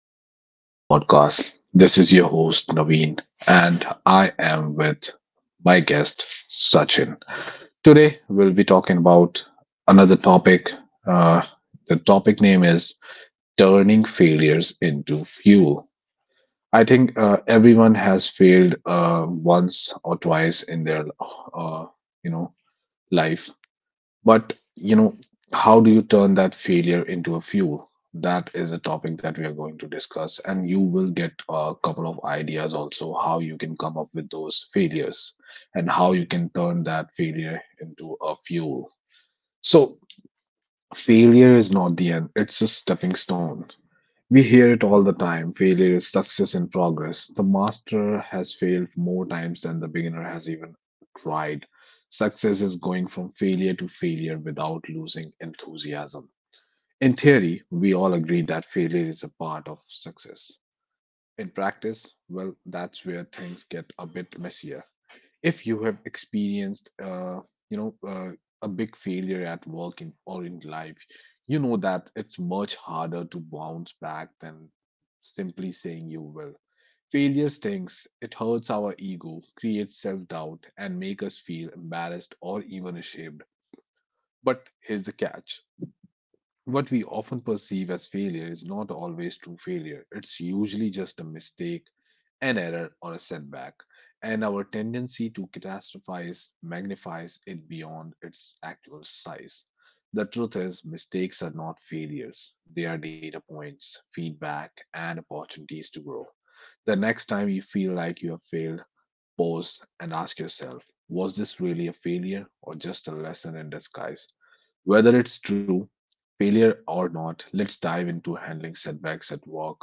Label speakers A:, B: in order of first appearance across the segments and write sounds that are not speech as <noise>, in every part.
A: Welcome to another podcast. This is your host, Naveen, and I am with my guest, Sachin. Today, we'll be talking about another topic. Uh, the topic name is Turning Failures into Fuel. I think everyone has failed once or twice in their, uh, you know, life. But how do you turn that failure into a fuel? That is a topic that we are going to discuss, and you will get a couple of ideas also how you can come up with those failures and how you can turn that failure into a fuel. So, failure is not the end, it's a stepping stone. We hear it all the time. Failure is success in progress. The master has failed more times than the beginner has even tried. Success is going from failure to failure without losing enthusiasm. In theory, we all agree that failure is a part of success. In practice, well, that's where things get a bit messier. If you have experienced you know uh, a big failure at work or in life, you know that it's much harder to bounce back than simply saying you will. Failure stings, it hurts our ego, creates self-doubt, and make us feel embarrassed or even ashamed. But here's the catch: what we often perceive as failure is not always true failure. It's usually just a mistake, an error, or a setback. And our tendency to catastrophize magnifies it beyond its actual size. The truth is, mistakes are not failures, they are data points, feedback, and opportunities to grow. The next time you feel like you have failed, pause and ask yourself, was this really a failure or just a lesson in disguise? Whether it's true failure or not, let's dive into handling setbacks at work,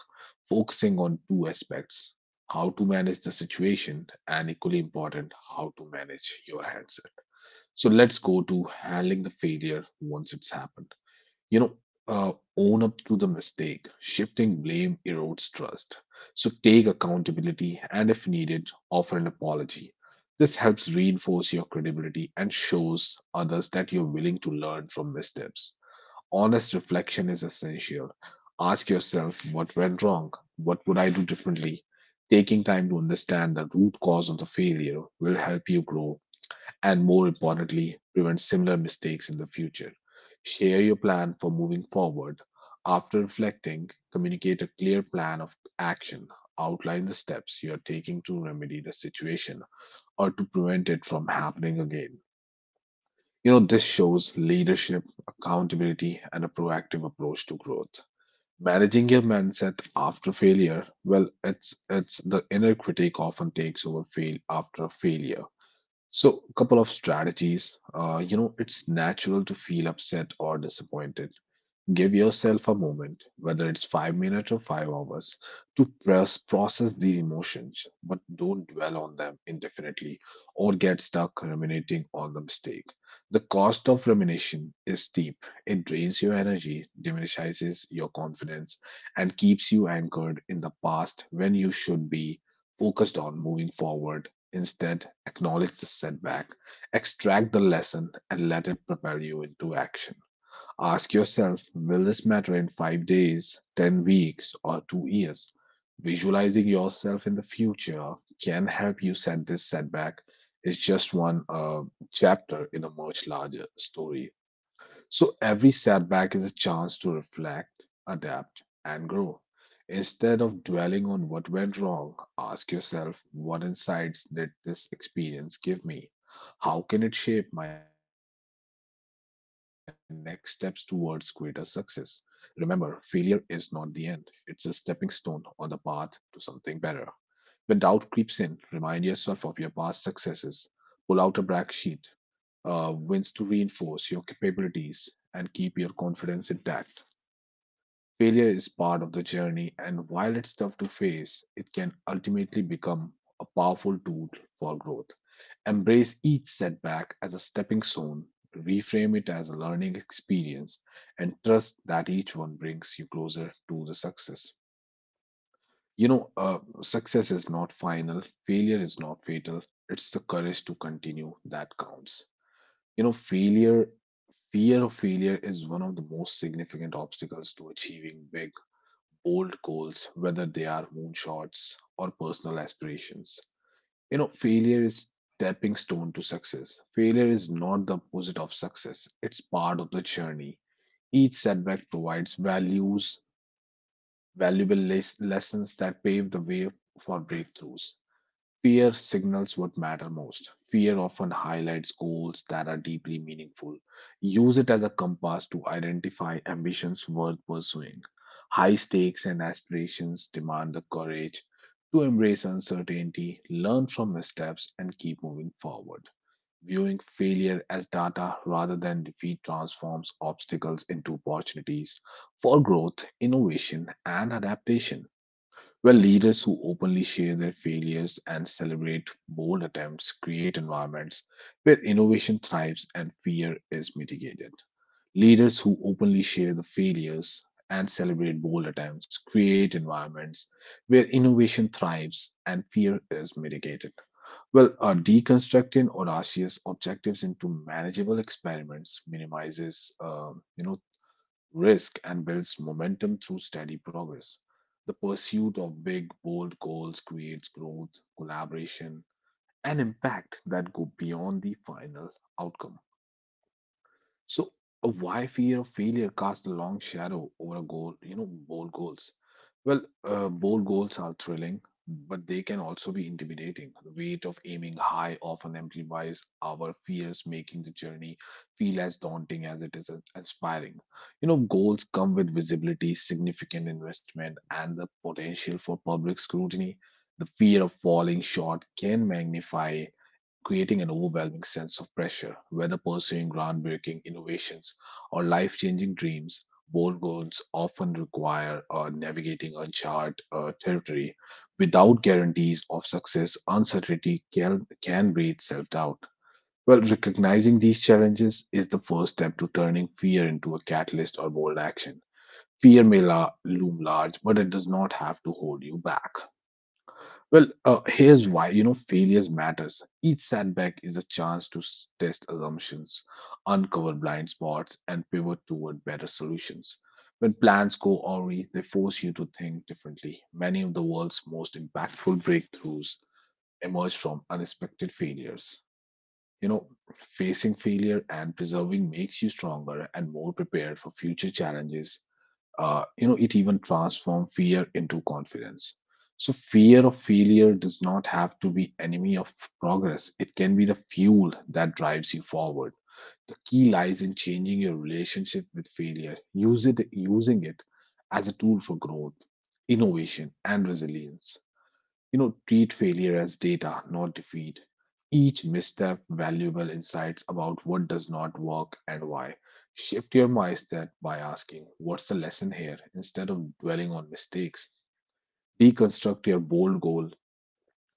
A: focusing on two aspects: how to manage the situation, and equally important, how to manage your handset. So, let's go to handling the failure once it's happened. You know, uh, own up to the mistake. Shifting blame erodes trust. So, take accountability and, if needed, offer an apology. This helps reinforce your credibility and shows others that you're willing to learn from missteps. Honest reflection is essential. Ask yourself, what went wrong? What would I do differently? Taking time to understand the root cause of the failure will help you grow and, more importantly, prevent similar mistakes in the future. Share your plan for moving forward. After reflecting, communicate a clear plan of action. Outline the steps you are taking to remedy the situation or to prevent it from happening again. You know, this shows leadership, accountability, and a proactive approach to growth. Managing your mindset after failure, well, it's the inner critic often takes over fail after failure. So, a couple of strategies. You know, it's natural to feel upset or disappointed. Give yourself a moment, whether it's 5 minutes or 5 hours, to process these emotions, but don't dwell on them indefinitely or get stuck ruminating on the mistake. The cost of rumination is steep. It drains your energy, diminishes your confidence, and keeps you anchored in the past when you should be focused on moving forward. Instead, acknowledge the setback, extract the lesson, and let it propel you into action. Ask yourself, will this matter in 5 days, 10 weeks, or 2 years? Visualizing yourself in the future can help you set this setback. It's just one chapter in a much larger story. So every setback is a chance to reflect, adapt, and grow. Instead of dwelling on what went wrong, ask yourself, what insights did this experience give me? How can it shape my next steps towards greater success? Remember, failure is not the end, it's a stepping stone on the path to something better. When doubt creeps in, remind yourself of your past successes. Pull out a brag sheet wins to reinforce your capabilities and keep your confidence intact. Failure is part of the journey, and while it's tough to face, it can ultimately become a powerful tool for growth. Embrace each setback as a stepping stone, reframe it as a learning experience, and trust that each one brings you closer to the success. You know, success is not final, failure is not fatal. It's the courage to continue that counts. You know, failure, fear of failure is one of the most significant obstacles to achieving big, bold goals, whether they are moonshots or personal aspirations. You know, failure is stepping stone to success. Failure is not the opposite of success, it's part of the journey. Each setback provides valuable lessons that pave the way for breakthroughs. Fear signals what matter most. Fear often highlights goals that are deeply meaningful. Use it as a compass to identify ambitions worth pursuing. High stakes and aspirations demand the courage to embrace uncertainty, learn from missteps, and keep moving forward. Viewing failure as data rather than defeat transforms obstacles into opportunities for growth, innovation, and adaptation. Well, leaders who openly share their failures and celebrate bold attempts create environments where innovation thrives and fear is mitigated. Leaders who openly share the failures and celebrate bold attempts create environments where innovation thrives and fear is mitigated. Well, deconstructing audacious objectives into manageable experiments minimizes risk, and builds momentum through steady progress. The pursuit of big, bold goals creates growth, collaboration, and impact that go beyond the final outcome. So, why fear of failure casts a long shadow over a goal, bold goals? Well, bold goals are thrilling, but they can also be intimidating. The weight of aiming high often amplifies our fears, making the journey feel as daunting as it is inspiring. You know, goals come with visibility, significant investment, and the potential for public scrutiny. The fear of falling short can magnify, creating an overwhelming sense of pressure, whether pursuing groundbreaking innovations or life changing dreams. Bold goals often require navigating uncharted territory. Without guarantees of success, uncertainty can breed self doubt. Well, recognizing these challenges is the first step to turning fear into a catalyst or bold action. Fear may loom large, but it does not have to hold you back. Well, here's why failures matters. Each setback is a chance to test assumptions, uncover blind spots, and pivot toward better solutions. When plans go awry, they force you to think differently. Many of the world's most impactful breakthroughs emerge from unexpected failures. You know, facing failure and preserving makes you stronger and more prepared for future challenges. You know, it even transforms fear into confidence. So fear of failure does not have to be enemy of progress. It can be the fuel that drives you forward. The key lies in changing your relationship with failure. Use it Using it as a tool for growth, innovation, and resilience. You know, treat failure as data, not defeat. Each misstep, valuable insights about what does not work and why. Shift your mindset by asking, what's the lesson here, instead of dwelling on mistakes? Deconstruct your bold goal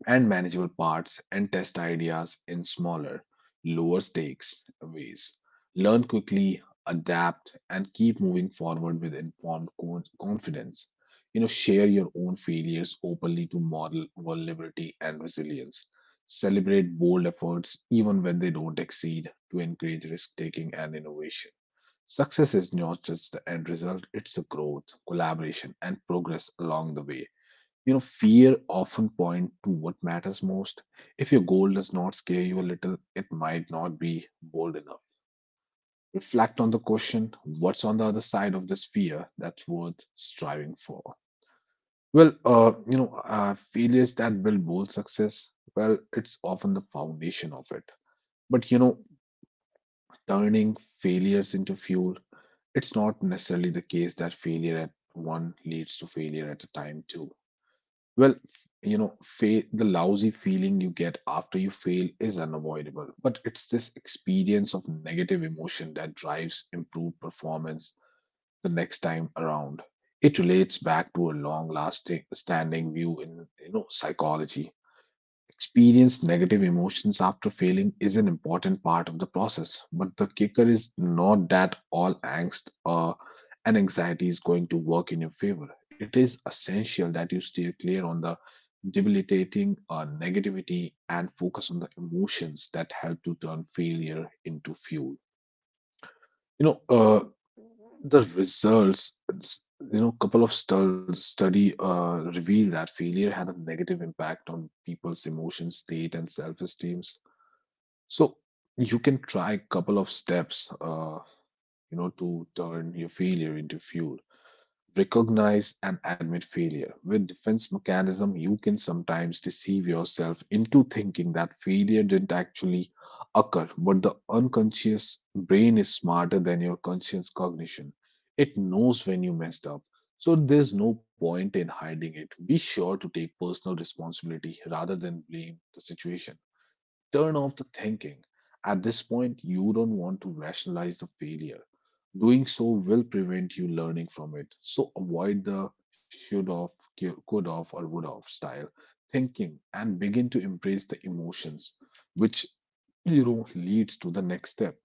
A: and manageable parts and test ideas in smaller, lower stakes ways. Learn quickly, adapt, and keep moving forward with informed confidence. You know, share your own failures openly to model vulnerability and resilience. Celebrate bold efforts even when they don't exceed to encourage risk taking and innovation. Success is not just the end result, it's the growth, collaboration, and progress along the way. You know, fear often point to what matters most. If your goal does not scare you a little, it might not be bold enough. Reflect on the question, what's on the other side of this fear that's worth striving for? Well, you know, failures that build bold success, well, it's often the foundation of it. But you know, turning failures into fuel, it's not necessarily the case that failure at one leads to failure at a time too. Well, you know, the lousy feeling you get after you fail is unavoidable, but it's this experience of negative emotion that drives improved performance the next time around. It relates back to a long lasting standing view in psychology. Experience negative emotions after failing is an important part of the process, but the kicker is not that all angst and anxiety is going to work in your favor. It is essential that you steer clear on the debilitating negativity and focus on the emotions that help to turn failure into fuel. You know, the results, couple of study reveal that failure had a negative impact on people's emotion state and self-esteems. So you can try a couple of steps, to turn your failure into fuel. Recognize and admit failure. With defense mechanism, you can sometimes deceive yourself into thinking that failure didn't actually occur, but the unconscious brain is smarter than your conscious cognition. It knows when you messed up. So there's no point in hiding it. Be sure to take personal responsibility rather than blame the situation. Turn off the thinking. At this point, you don't want to rationalize the failure. Doing so will prevent you learning from it. So avoid the should have, could have, or would have style thinking and begin to embrace the emotions, which leads to the next step.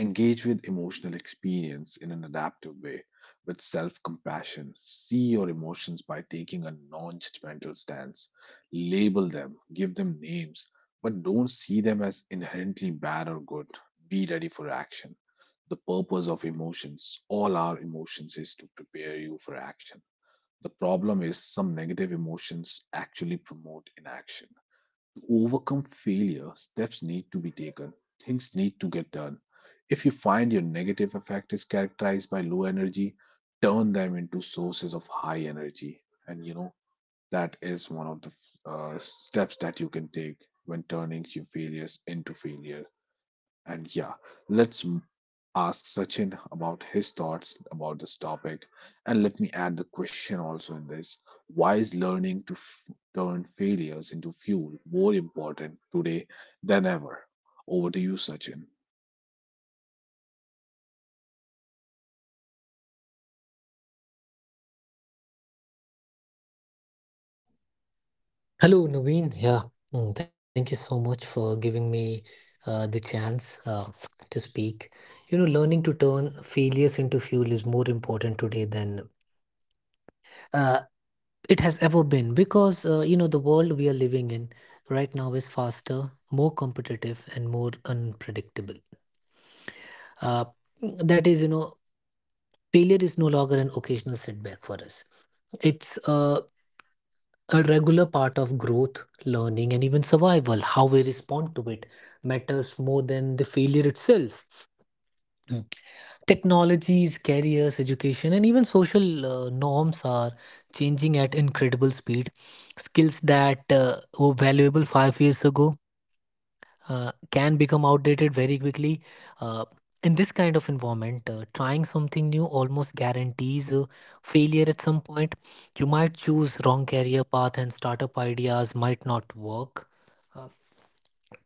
A: Engage with emotional experience in an adaptive way, with self compassion. See your emotions by taking a non judgmental stance. Label them, give them names, but don't see them as inherently bad or good. Be ready for action. The purpose of emotions, all our emotions, is to prepare you for action. The problem is some negative emotions actually promote inaction. To overcome failure, steps need to be taken. Things need to get done. If you find your negative effect is characterized by low energy, turn them into sources of high energy. And you know, that is one of the steps that you can take when turning your failures into failure. And yeah, let's ask Sachin about his thoughts about this topic. And let me add the question also in this, why is learning to turn failures into fuel more important today than ever? Over to you, Sachin.
B: Hello, Naveen. Yeah, thank you so much for giving me the chance to speak. You know, learning to turn failures into fuel is more important today than uh, it has ever been because, you know, the world we are living in right now is faster, more competitive, and more unpredictable. Uh, that is, you know, failure is no longer an occasional setback for us. It's a regular part of growth, learning, and even survival. How we respond to it matters more than the failure itself. Mm. Technologies, careers, education, and even social norms are changing at incredible speed. Skills that were valuable 5 years ago can become outdated very quickly. Uh, in this kind of environment, trying something new almost guarantees failure at some point. You might choose wrong career path, and startup ideas might not work. Uh,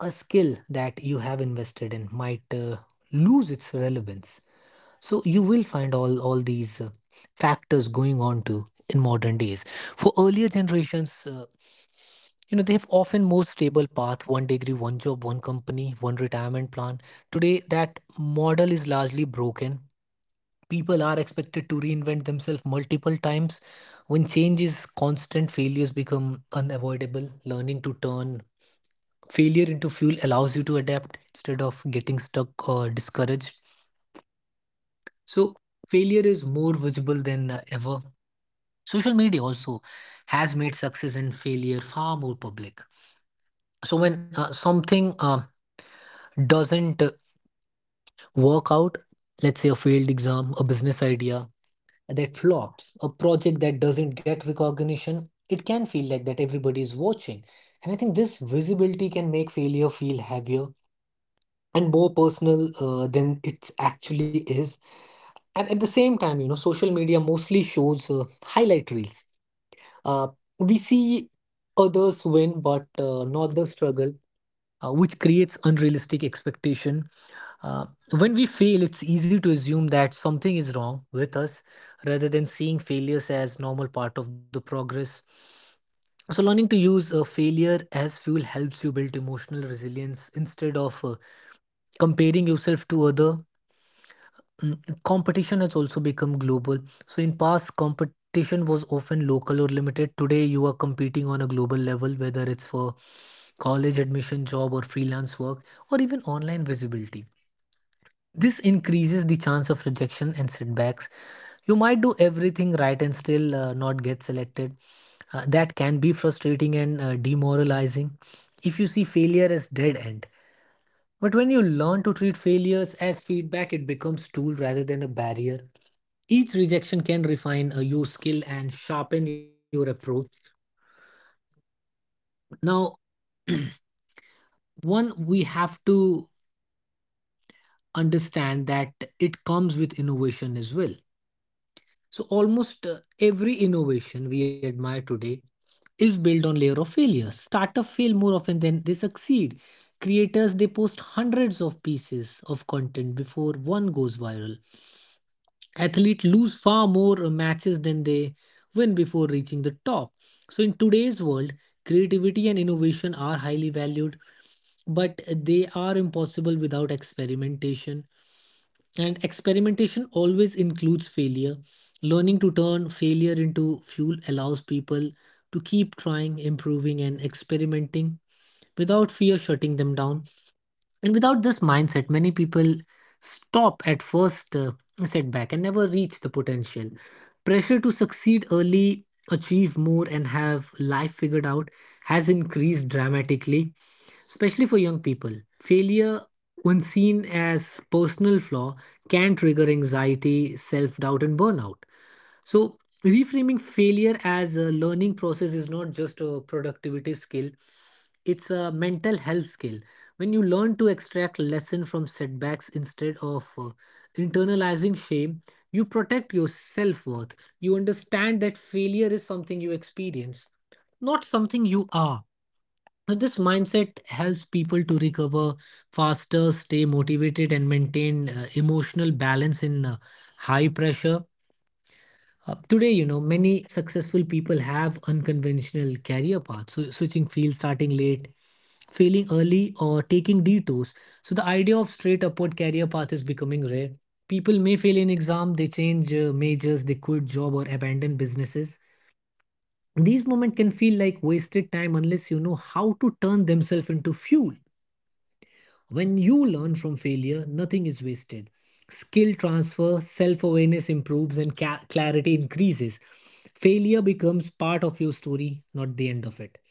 B: a skill that you have invested in might lose its relevance. So you will find all these factors going on to in modern days. For earlier generations. You know, they have often more stable path: one degree, one job, one company, one retirement plan. Today, that model is largely broken. People are expected to reinvent themselves multiple times. When change is constant, failures become unavoidable. Learning to turn failure into fuel allows you to adapt instead of getting stuck or discouraged. So, failure is more visible than ever. Social media also has made success and failure far more public. So, when something doesn't work out, let's say a failed exam, a business idea that flops, a project that doesn't get recognition, it can feel like that everybody is watching. And I think this visibility can make failure feel heavier and more personal than it actually is. And at the same time, you know, social media mostly shows highlight reels. Uh, we see others win, but not the struggle, which creates unrealistic expectation. Uh, when we fail, it's easy to assume that something is wrong with us rather than seeing failures as normal part of the progress. So, learning to use failure as fuel helps you build emotional resilience instead of comparing yourself to other. Mm, Competition has also become global. So, in past, competition was often local or limited. Today, you are competing on a global level, whether it's for college admission, job, or freelance work, or even online visibility. This increases the chance of rejection and setbacks. You might do everything right and still not get selected. That can be frustrating and demoralizing if you see failure as dead end. But when you learn to treat failures as feedback, it becomes tool rather than a barrier. Each rejection can refine your skill and sharpen your approach. Now, <clears throat> one we have to understand that it comes with innovation as well. So almost every innovation we admire today is built on layer of failure. Startups fail more often than they succeed. Creators, they post hundreds of pieces of content before one goes viral. Athletes lose far more matches than they win before reaching the top. So in today's world, creativity and innovation are highly valued, but they are impossible without experimentation, and experimentation always includes failure. Learning to turn failure into fuel allows people to keep trying, improving, and experimenting without fear shutting them down. And without this mindset, many people stop at first setback and never reach the potential. Pressure to succeed early, achieve more, and have life figured out has increased dramatically, especially for young people. Failure, when seen as personal flaw, can trigger anxiety, self-doubt, and burnout. So reframing failure as a learning process is not just a productivity skill, it's a mental health skill. When you learn to extract lesson from setbacks instead of internalizing shame, you protect your self-worth. You understand that failure is something you experience, not something you are. Now, this mindset helps people to recover faster, stay motivated, and maintain emotional balance in high pressure. Today, you know, many successful people have unconventional career paths, so switching fields, starting late, failing early, or taking detours. So, the idea of straight upward career path is becoming rare. People may fail in exam, they change majors, they quit job, or abandon businesses. These moments can feel like wasted time unless you know how to turn themselves into fuel. When you learn from failure, nothing is wasted. Skill transfer, self awareness improves, and clarity increases. Failure becomes part of your story, not the end of it.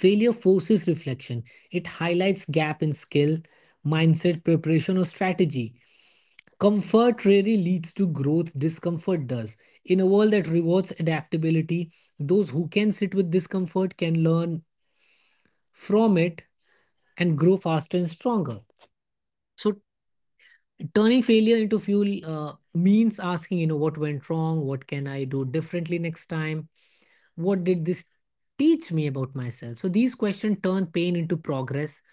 B: Failure forces reflection. It highlights gap in skill, mindset, preparation, or strategy. Comfort rarely leads to growth, discomfort does. In a world that rewards adaptability, those who can sit with discomfort can learn from it and grow faster and stronger. So turning failure into fuel means asking, you know, what went wrong, what can I do differently next time, what did this teach me about myself. So these questions turn pain into progress.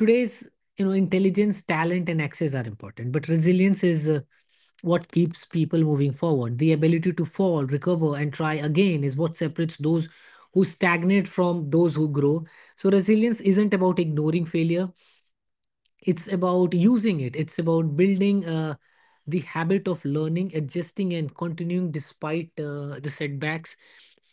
B: Today's, you know, intelligence, talent, and access are important, but resilience is what keeps people moving forward. The ability to fall, recover, and try again is what separates those who stagnate from those who grow. So resilience isn't about ignoring failure, it's about using it. It's about building the habit of learning, adjusting, and continuing despite the setbacks.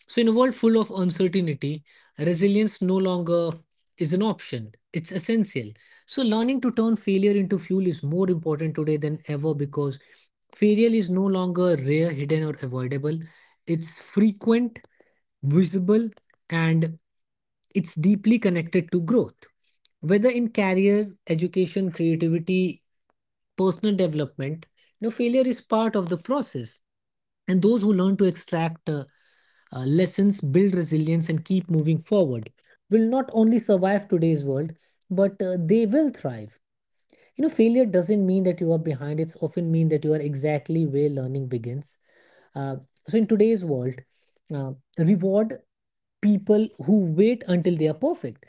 B: So, in a world full of uncertainty, resilience no longer is an option. It's essential. So, learning to turn failure into fuel is more important today than ever because failure is no longer rare, hidden, or avoidable. It's frequent, visible, and it's deeply connected to growth. Whether in career, education, creativity, personal development, you know, failure is part of the process. And those who learn to extract lessons, build resilience, and keep moving forward will not only survive today's world, but they will thrive. You know, failure doesn't mean that you are behind, it's often mean that you are exactly where learning begins. uh, so in today's world, uh, reward people who wait until they are perfect,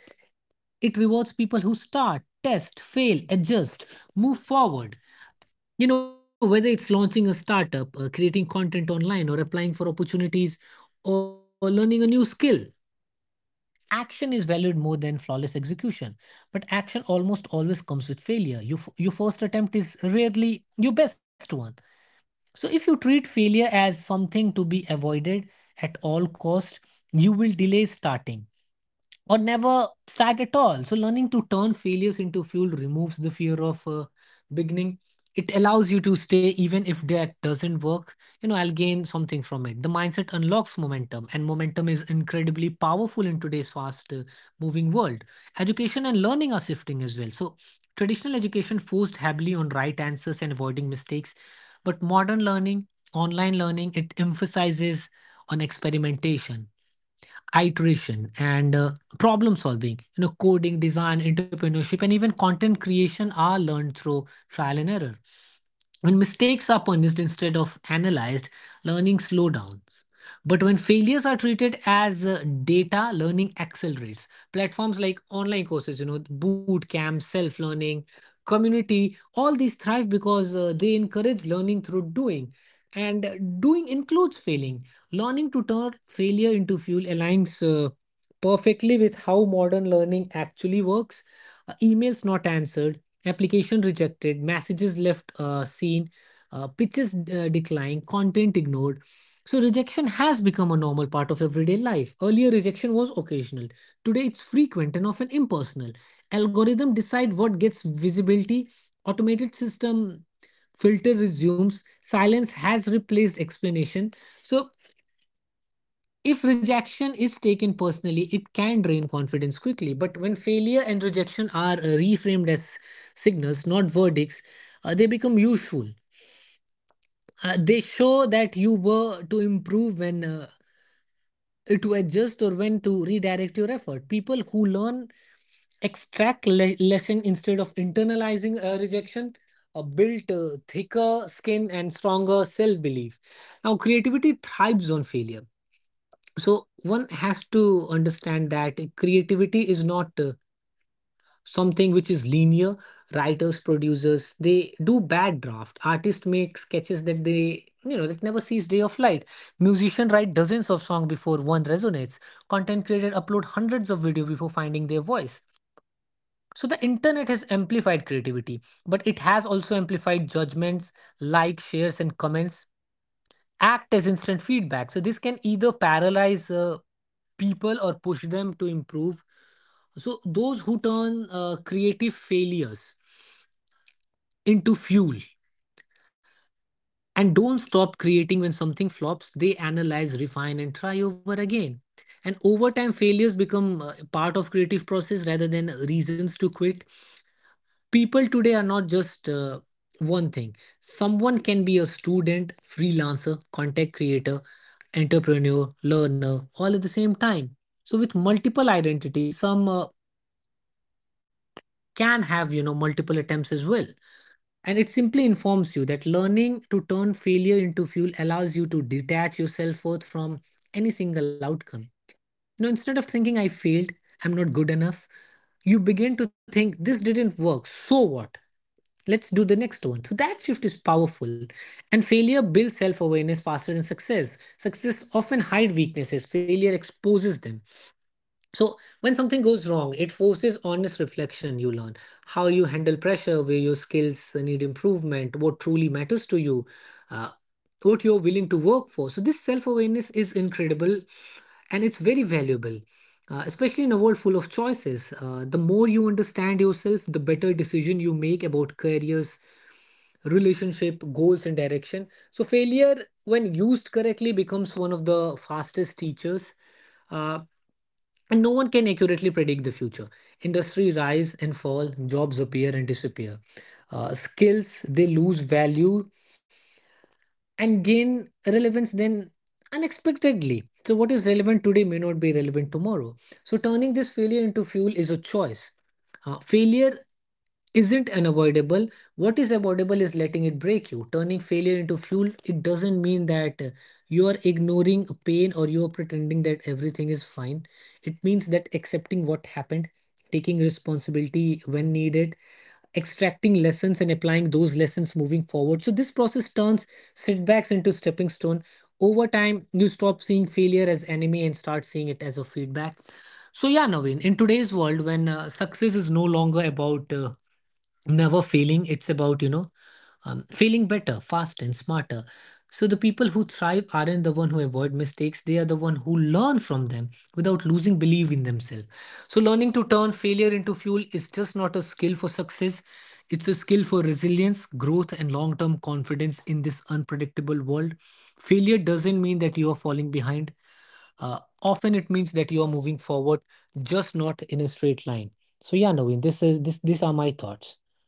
B: it rewards people who start, test, fail, adjust, move forward. You know, whether it's launching a startup, creating content online, or applying for opportunities, or learning a new skill, action is valued more than flawless execution. But action almost always comes with failure. Your first attempt is rarely your best one. So if you treat failure as something to be avoided at all cost, you will delay starting or never start at all. So, learning to turn failures into fuel removes the fear of beginning. It allows you to stay even if that doesn't work. You know, I'll gain something from it. The mindset unlocks momentum, and momentum is incredibly powerful in today's fast moving world. Education and learning are shifting as well. So, traditional education forced heavily on right answers and avoiding mistakes, but modern learning, online learning, it emphasizes on experimentation, iteration, and problem solving. You know, coding, design, entrepreneurship, and even content creation are learned through trial and error. When mistakes are punished instead of analyzed, learning slow downs. But when failures are treated as data, learning accelerates. Platforms like online courses, you know, boot camps, self learning community, all these thrive because they encourage learning through doing, and doing includes failing. Learning to turn failure into fuel aligns perfectly with how modern learning actually works. Emails not answered, application rejected, messages left seen, pitches declined, content ignored. So, rejection has become a normal part of everyday life. Earlier, rejection was occasional. Today, it's frequent and often impersonal. Algorithm decide what gets visibility. Automated system filter resumes. Silence has replaced explanation. So if rejection is taken personally, it can drain confidence quickly. But when failure and rejection are reframed as signals, not verdicts, they become useful. They show that you were to improve, when to adjust, or when to redirect your effort. People who learn extract lesson instead of internalizing rejection, build thicker skin and stronger self belief. Now, creativity thrives on failure, so one has to understand that creativity is not something which is linear. Writers, producers, they do bad draft. Artists make sketches that they, you know, that never sees day of light. Musician write dozens of songs before one resonates. Content creator upload hundreds of video before finding their voice. So the internet has amplified creativity, but it has also amplified judgments. Like shares, and comments act as instant feedback. So this can either paralyze people or push them to improve. So those who turn creative failures into fuel and don't stop creating when something flops, they analyze, refine, and try over again. And over time, failures become part of creative process rather than reasons to quit. People today are not just one thing. Someone can be a student, freelancer, content creator, entrepreneur, learner, all at the same time. So with multiple identities, some can have multiple attempts as well. And it simply informs you that learning to turn failure into fuel allows you to detach yourself forth from any single outcome. You know, instead of thinking I failed, I'm not good enough, you begin to think this didn't work, so what? Let's do the next one. So that shift is powerful. And failure builds self awareness faster than success. Success often hide weaknesses, failure exposes them. So when something goes wrong, it forces honest reflection. You learn how you handle pressure, where your skills need improvement, what truly matters to you, uh, what you're willing to work for. So this self awareness is incredible and it's very valuable. Especially in a world full of choices, the more you understand yourself, the better decision you make about careers, relationship, goals, and direction. So, failure, when used correctly, becomes one of the fastest teachers. Uh, and no one can accurately predict the future. Industry rise and fall, jobs appear and disappear. Skills, they lose value and gain relevance then unexpectedly. So, what is relevant today may not be relevant tomorrow. So, turning this failure into fuel is a choice. Failure isn't unavoidable. What is avoidable is letting it break you. Turning failure into fuel, it doesn't mean that you are ignoring pain or you are pretending that everything is fine. It means that accepting what happened, taking responsibility when needed, extracting lessons and applying those lessons moving forward. So this process turns setbacks into stepping stone. Over time, you stop seeing failure as enemy and start seeing it as a feedback. So yeah, Naveen, in today's world when success is no longer about never failing, it's about failing better fast and smarter. So the people who thrive aren't the one who avoid mistakes. They are the one who learn from them without losing belief in themselves. So learning to turn failure into fuel is just not a skill for success, it's a skill for resilience, growth, and long term confidence in this unpredictable world. Failure doesn't mean that you are falling behind. Often it means that you are moving forward, just not in a straight line. So yeah, Naveen, this is this these are my thoughts.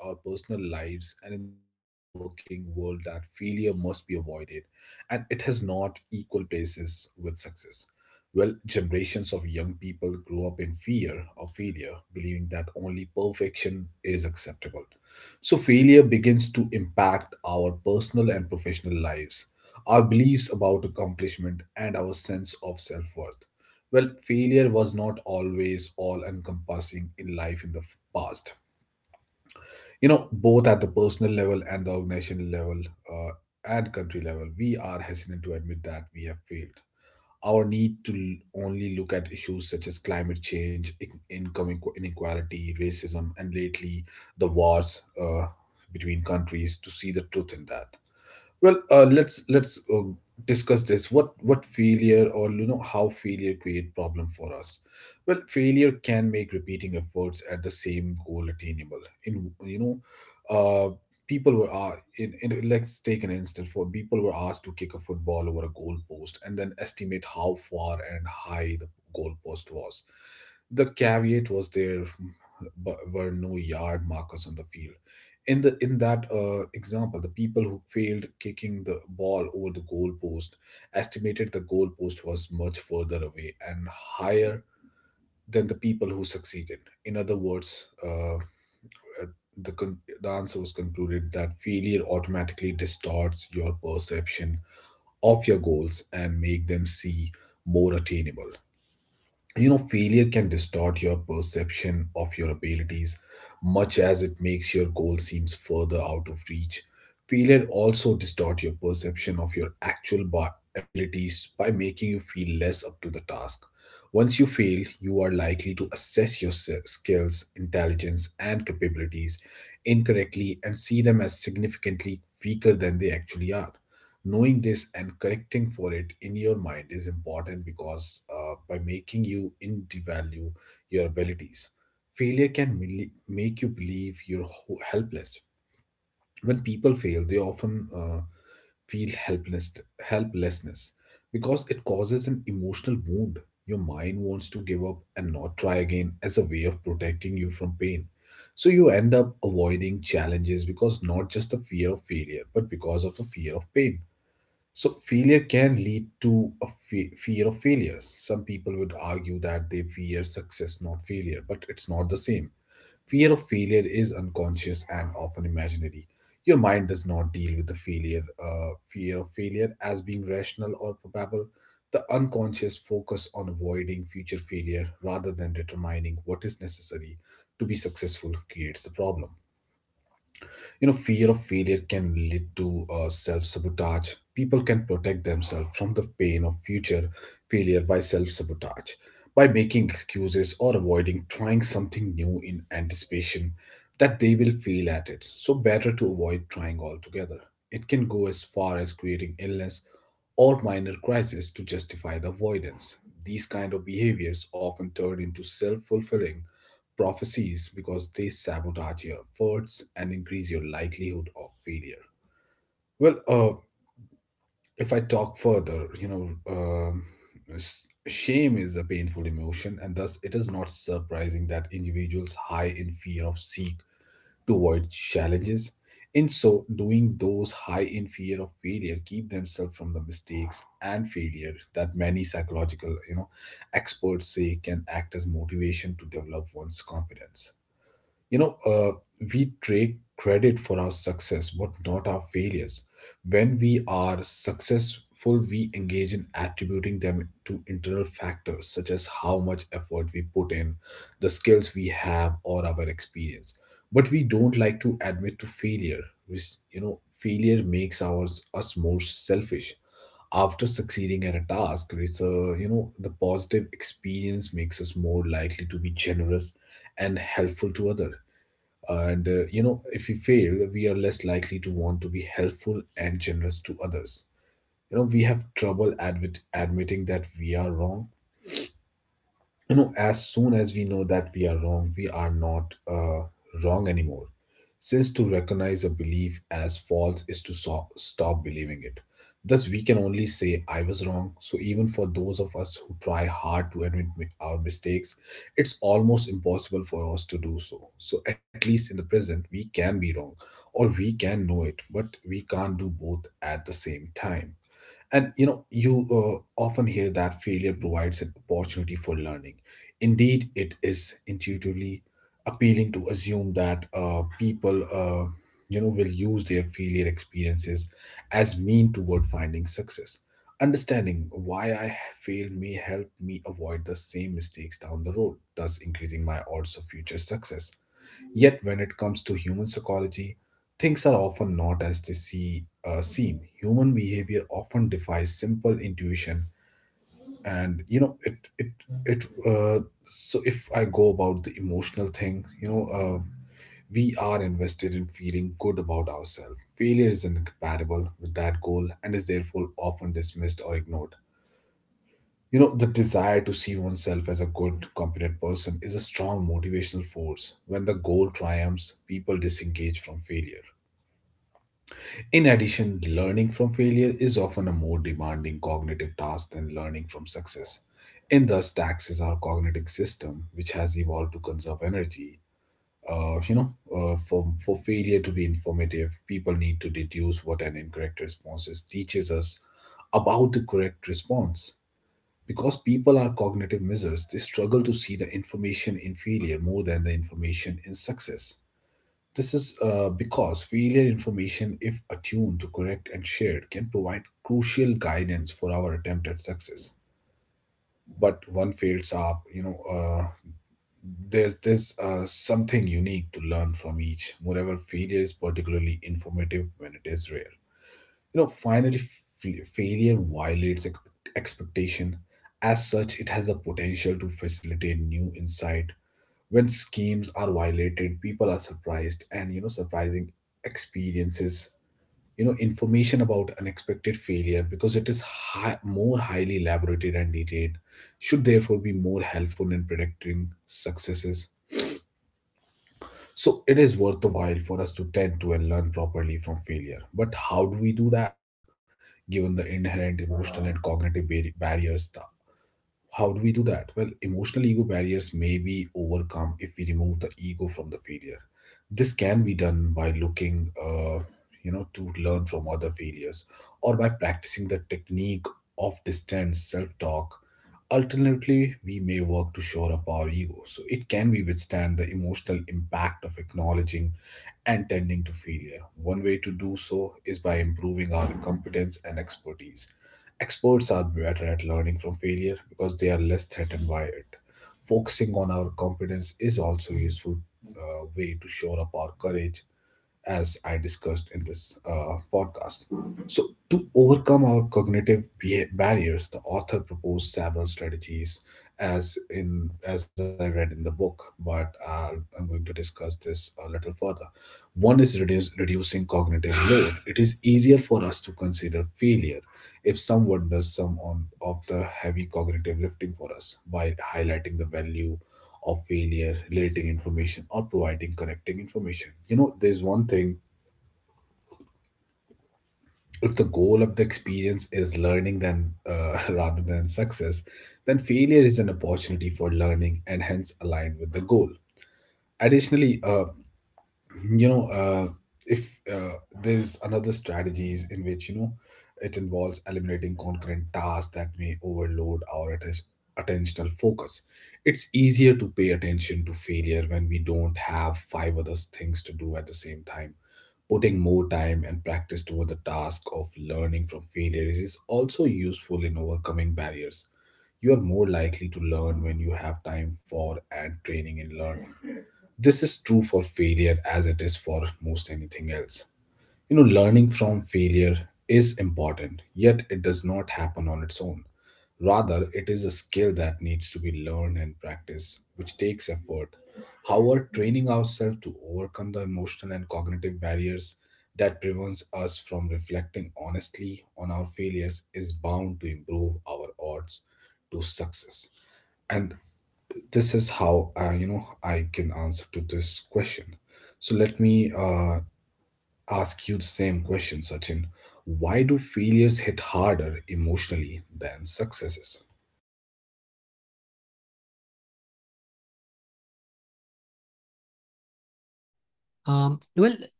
B: Well,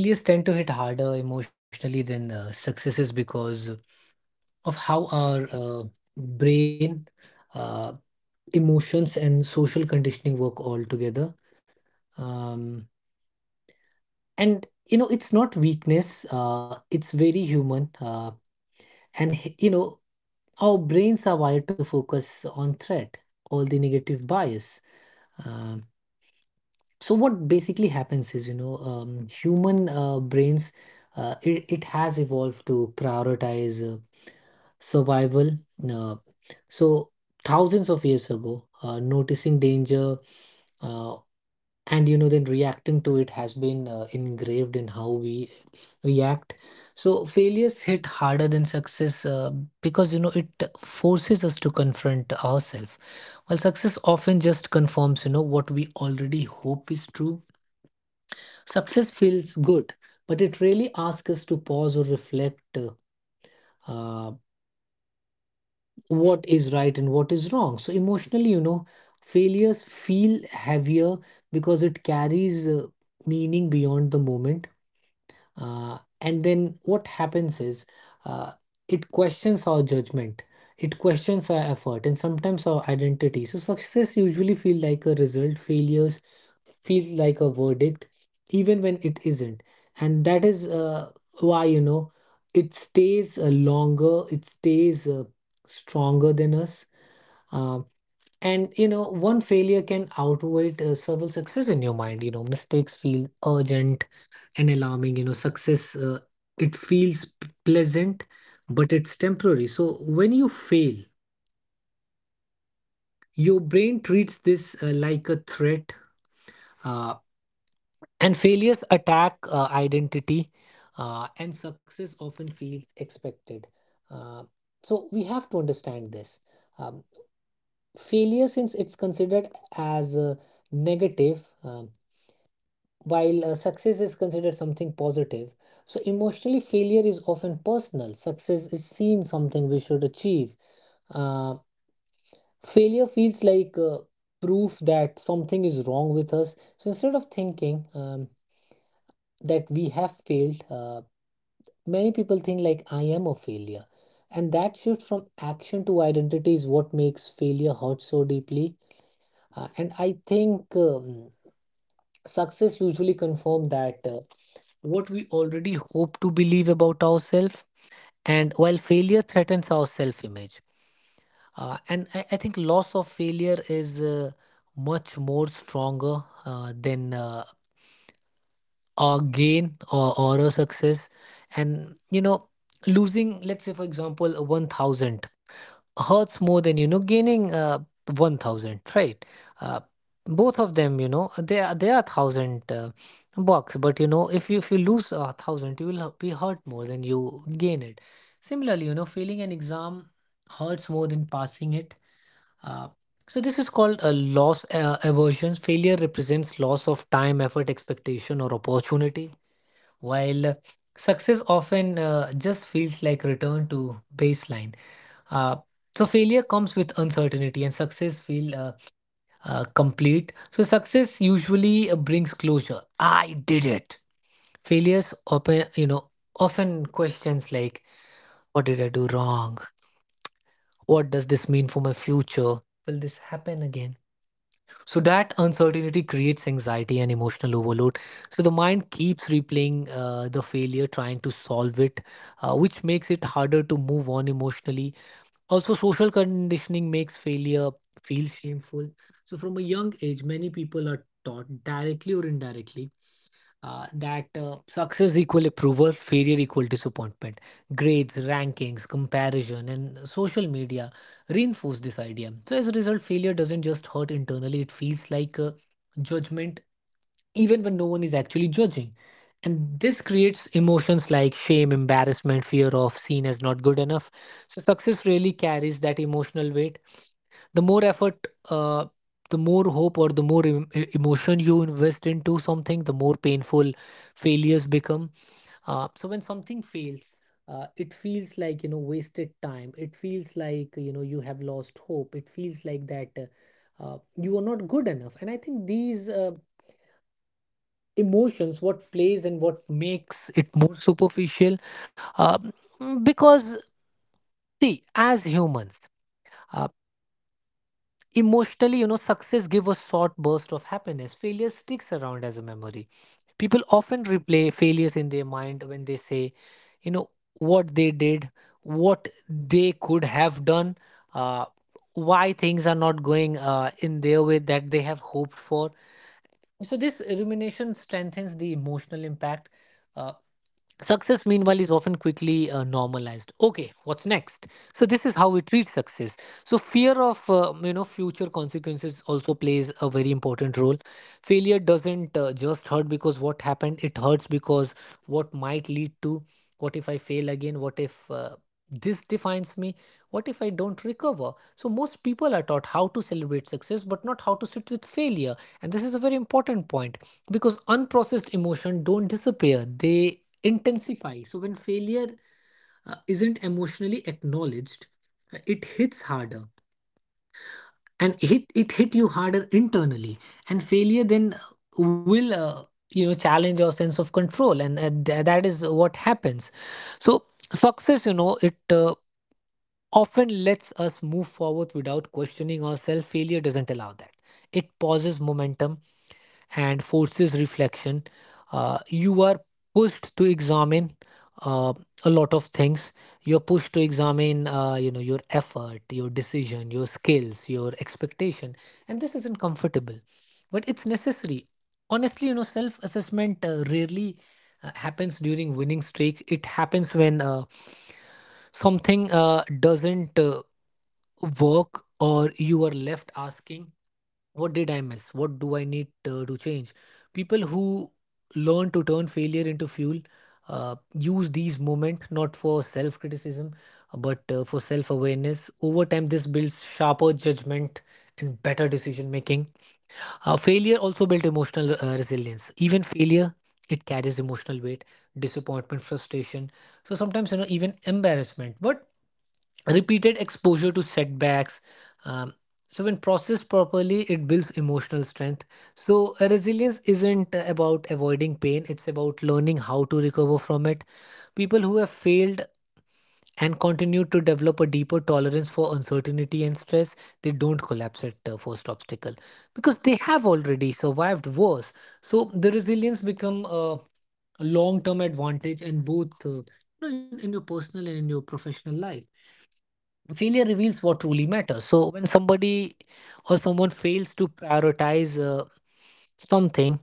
B: failures tend to hit harder emotionally than successes because of how our brain, uh, emotions, and social conditioning work all together. Um, and you know, it's not weakness, it's very human. And you know, our brains are wired to focus on threat, all the negative bias. Um, so what basically happens is, human brains, it has evolved to prioritize survival. Uh, so thousands of years ago, noticing danger uh, and you know then reacting to it has been engraved in how we react. So failures hit harder than success because you know it forces us to confront ourselves, while success often just confirms you know what we already hope is true. Success feels good, but it really asks us to pause or reflect uh, what is right and what is wrong. So emotionally, you know, failures feel heavier because it carries meaning beyond the moment. And then what happens is, uh, it questions our judgment, it questions our effort, and sometimes our identity. So success usually feel like a result, failures feel like a verdict, even when it isn't. And that is why, you know, it stays longer, it stays stronger than us. Um, and you know, one failure can outweigh several success in your mind. You know, mistakes feel urgent and alarming. You know, success it feels pleasant, but it's temporary. So when you fail, your brain treats this like a threat. Uh, and failures attack identity. And success often feels expected. Uh, so we have to understand this. um, Failure, since it's considered as a negative, while success is considered something positive, so emotionally failure is often personal. Success is seen something we should achieve. Uh, Failure feels like proof that something is wrong with us. So instead of thinking that we have failed, many people think like, I am a failure. And that shift from action to identity is what makes failure hurt so deeply. And I think, success usually confirms that what we already hope to believe about ourselves, and while failure threatens our self image. And I think loss of failure is much more stronger than our gain or a success. And, you know, losing, let's say, for example, 1000 hurts more than you know gaining 1000, right? uh, Both of them, you know, they are 1000 bucks, but you know, if you lose a 1000 you will be hurt more than you gain it. Similarly, you know, failing an exam hurts more than passing it. Uh, so this is called a loss aversion. Failure represents loss of time, effort, expectation or opportunity, while success often just feels like return to baseline. Uh, so failure comes with uncertainty and success feel complete. So success usually brings closure. I did it. Failures open, you know, often questions like, what did I do wrong? What does this mean for my future? Will this happen again? So that uncertainty creates anxiety and emotional overload. So the mind keeps replaying the failure, trying to solve it, which makes it harder to move on emotionally. Also, social conditioning makes failure feel shameful. So, from a young age, many people are taught directly or indirectly that success equal approval, failure equal disappointment. Grades, rankings, comparison, and social media reinforce this idea. So, as a result, failure doesn't just hurt internally, it feels like judgment even when no one is actually judging. And this creates emotions like shame, embarrassment, fear of seen as not good enough. So success really carries that emotional weight. The more effort, the more hope or the more emotion you invest into something, the more painful failures become. So when something fails, it feels like, you know, wasted time. It feels like, you know, you have lost hope. It feels like that you are not good enough. And I think these emotions, what plays and what makes it more superficial uh, because, see, as humans, uh, emotionally, you know, success give a short burst of happiness. Failure sticks around as a memory. People often replay failures in their mind when they say, you know, what they did, what they could have done, uh, why things are not going in their way that they have hoped for. So this rumination strengthens the emotional impact. uh, Success, meanwhile, is often quickly normalized. Okay, what's next? So this is how we treat success. So fear of future consequences also plays a very important role. Failure doesn't just hurt because what happened; it hurts because what might lead to. What if I fail again? What if this defines me? What if I don't recover? So most people are taught how to celebrate success, but not how to sit with failure. And this is a very important point because unprocessed emotion don't disappear; they intensify. So when failure isn't emotionally acknowledged, it hits harder and hit you harder internally. And failure then will you know challenge your sense of control, and that is what happens. So success, you know, it often lets us move forward without questioning ourselves. Failure doesn't allow that. It pauses momentum and forces reflection. You are pushed to examine uh, a lot of things. You're pushed to examine, your effort, your decision, your skills, your expectation, and this isn't comfortable, but it's necessary. Honestly, you know, self-assessment rarely happens during winning streak. It happens when something doesn't work or you are left asking, what did I miss? What do I need to change? People who learn to turn failure into fuel use these moments not for self criticism but for self awareness. Over time, this builds sharper judgment and better decision making. Failure also built emotional resilience. Even failure, it carries emotional weight, disappointment, frustration. So sometimes, you know, even embarrassment. But repeated exposure to setbacks. Um, so, when processed properly, it builds emotional strength. So, resilience isn't about avoiding pain, it's about learning how to recover from it. People who have failed and continue to develop a deeper tolerance for uncertainty and stress, they don't collapse at the first obstacle because they have already survived worse. So, the resilience become a long term advantage and both in your personal and in your professional life, failure reveals what truly matters. So when somebody or someone fails to prioritize something,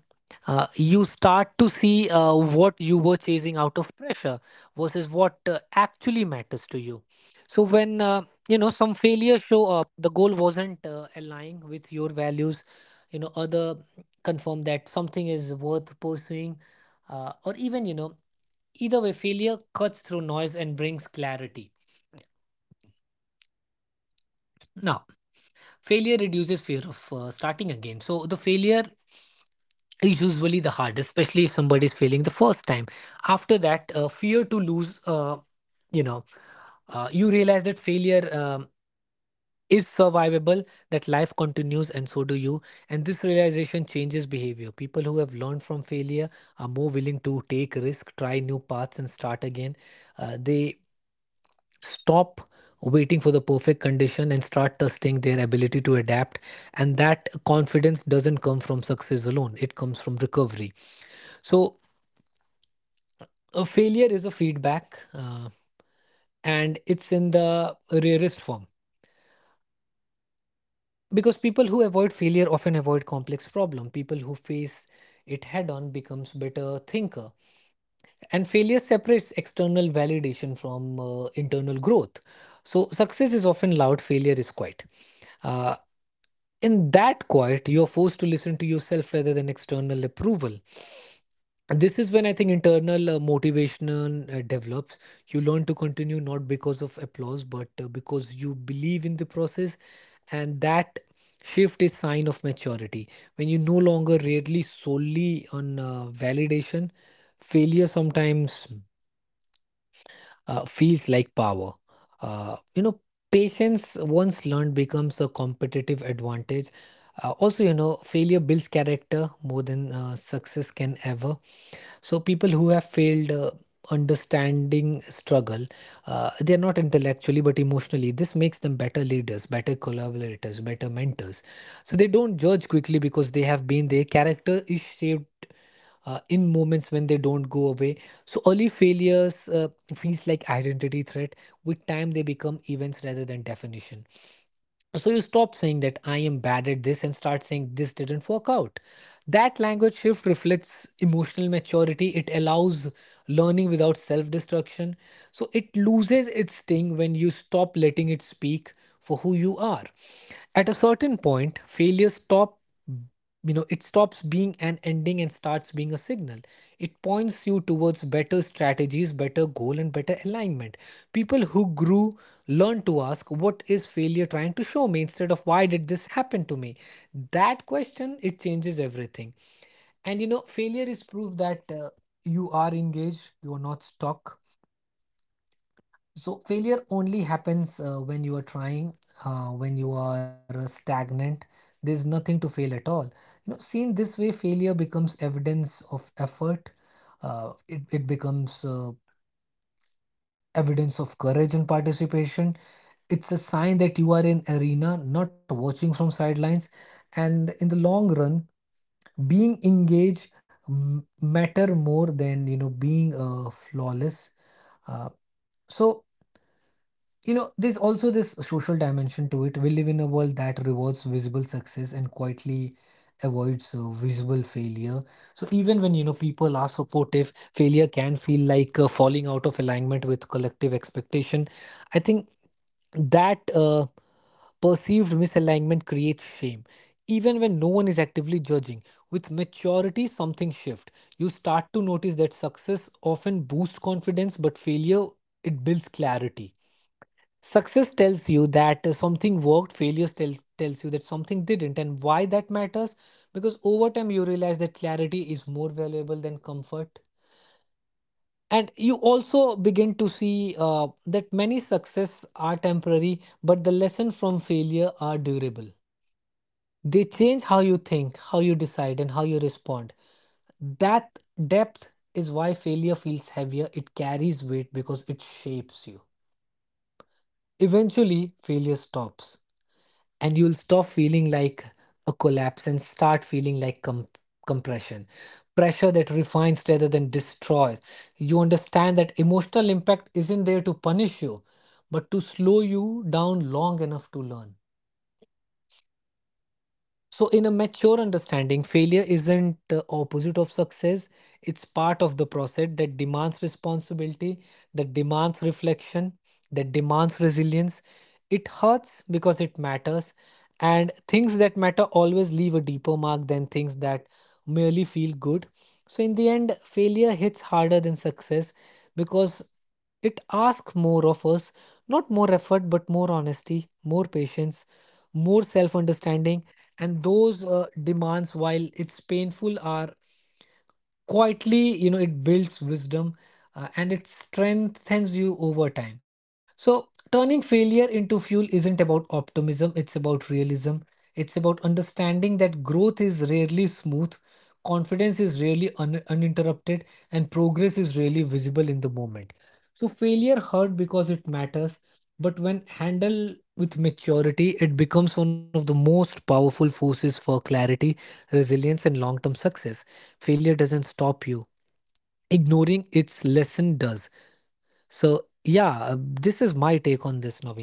B: you start to see what you were chasing out of pressure versus what actually matters to you. So when you know, some failures show up, the goal wasn't aligned with your values. You know, other confirm that something is worth pursuing, or even you know, either way, failure cuts through noise and brings clarity. Now, failure reduces fear of starting again. So the failure is usually the hardest, especially if somebody is failing the first time. After that, fear to lose, you know, you realize that failure is survivable, that life continues, and so do you. And this realization changes behavior. People who have learned from failure are more willing to take risk, try new paths, and start again. They stop waiting for the perfect condition and start testing their ability to adapt, and that confidence doesn't come from success alone, it comes from recovery. So a failure is a feedback, and it's in the rarest form, because people who avoid failure often avoid complex problem. People who face it head on becomes better thinker, and failure separates external validation from internal growth. So success is often loud, failure is quiet. Uh, In that quiet, you're forced to listen to yourself rather than external approval. And this is when I think internal motivation develops. You learn to continue not because of applause, but because you believe in the process, and that shift is sign of maturity. When you no longer really solely on validation, failure sometimes feels like power. Uh, you know, patience once learned becomes a competitive advantage. Also, you know, failure builds character more than success can ever. So, people who have failed understanding struggle, they are not intellectually but emotionally. This makes them better leaders, better collaborators, better mentors. So, they don't judge quickly because they have been their character is shaped in moments when they don't go away. So early failures feels like identity threat. With time, they become events rather than definition. So you stop saying that I am bad at this and start saying this didn't work out. That language shift reflects emotional maturity. It allows learning without self destruction. So it loses its sting when you stop letting it speak for who you are. At a certain point, failure stop, you know, it stops being an ending and starts being a signal. It points you towards better strategies, better goal, and better alignment. People who grew learn to ask what is failure trying to show me instead of why did this happen to me. That question, it changes everything. And you know, failure is proof that you are engaged, you are not stuck. So failure only happens when you are trying. When you are stagnant, there's nothing to fail at all. You know, seen this way, failure becomes evidence of effort. It becomes evidence of courage and participation. It's a sign that you are in arena, not watching from sidelines. And in the long run, being engaged matter more than you know being flawless. Uh, so you know, there's also this social dimension to it. We live in a world that rewards visible success and quietly avoids visible failure. So even when you know people are supportive, failure can feel like falling out of alignment with collective expectation. I think that perceived misalignment creates shame, even when no one is actively judging. With maturity something shifts. You start to notice that success often boosts confidence, but failure, it builds clarity. Success tells you that something worked, failure tells you that something didn't and why that matters, because over time you realize that clarity is more valuable than comfort. And you also begin to see that many success are temporary, but the lesson from failure are durable. They change how you think, how you decide, and how you respond. That depth is why failure feels heavier. It carries weight because it shapes you. Eventually, failure stops, and you'll stop feeling like a collapse and start feeling like compression, pressure that refines rather than destroys. You understand that emotional impact isn't there to punish you, but to slow you down long enough to learn. So in a mature understanding, failure isn't the opposite of success, it's part of the process that demands responsibility, that demands reflection, that demands resilience. It hurts because it matters, and things that matter always leave a deeper mark than things that merely feel good. So, in the end, failure hits harder than success because it asks more of us. Not more effort, but more honesty, more patience, more self understanding. And those demands, while it's painful, are quietly you know it builds wisdom, and it strengthens you over time. So, turning failure into fuel isn't about optimism, it's about realism. It's about understanding that growth is rarely smooth, confidence is rarely uninterrupted, and progress is rarely visible in the moment. So, failure hurt because it matters, but when handled with maturity, it becomes one of the most powerful forces for clarity, resilience, and long term success. Failure doesn't stop you, ignoring its lesson does. So, yeah, this is my take on this, Naveen.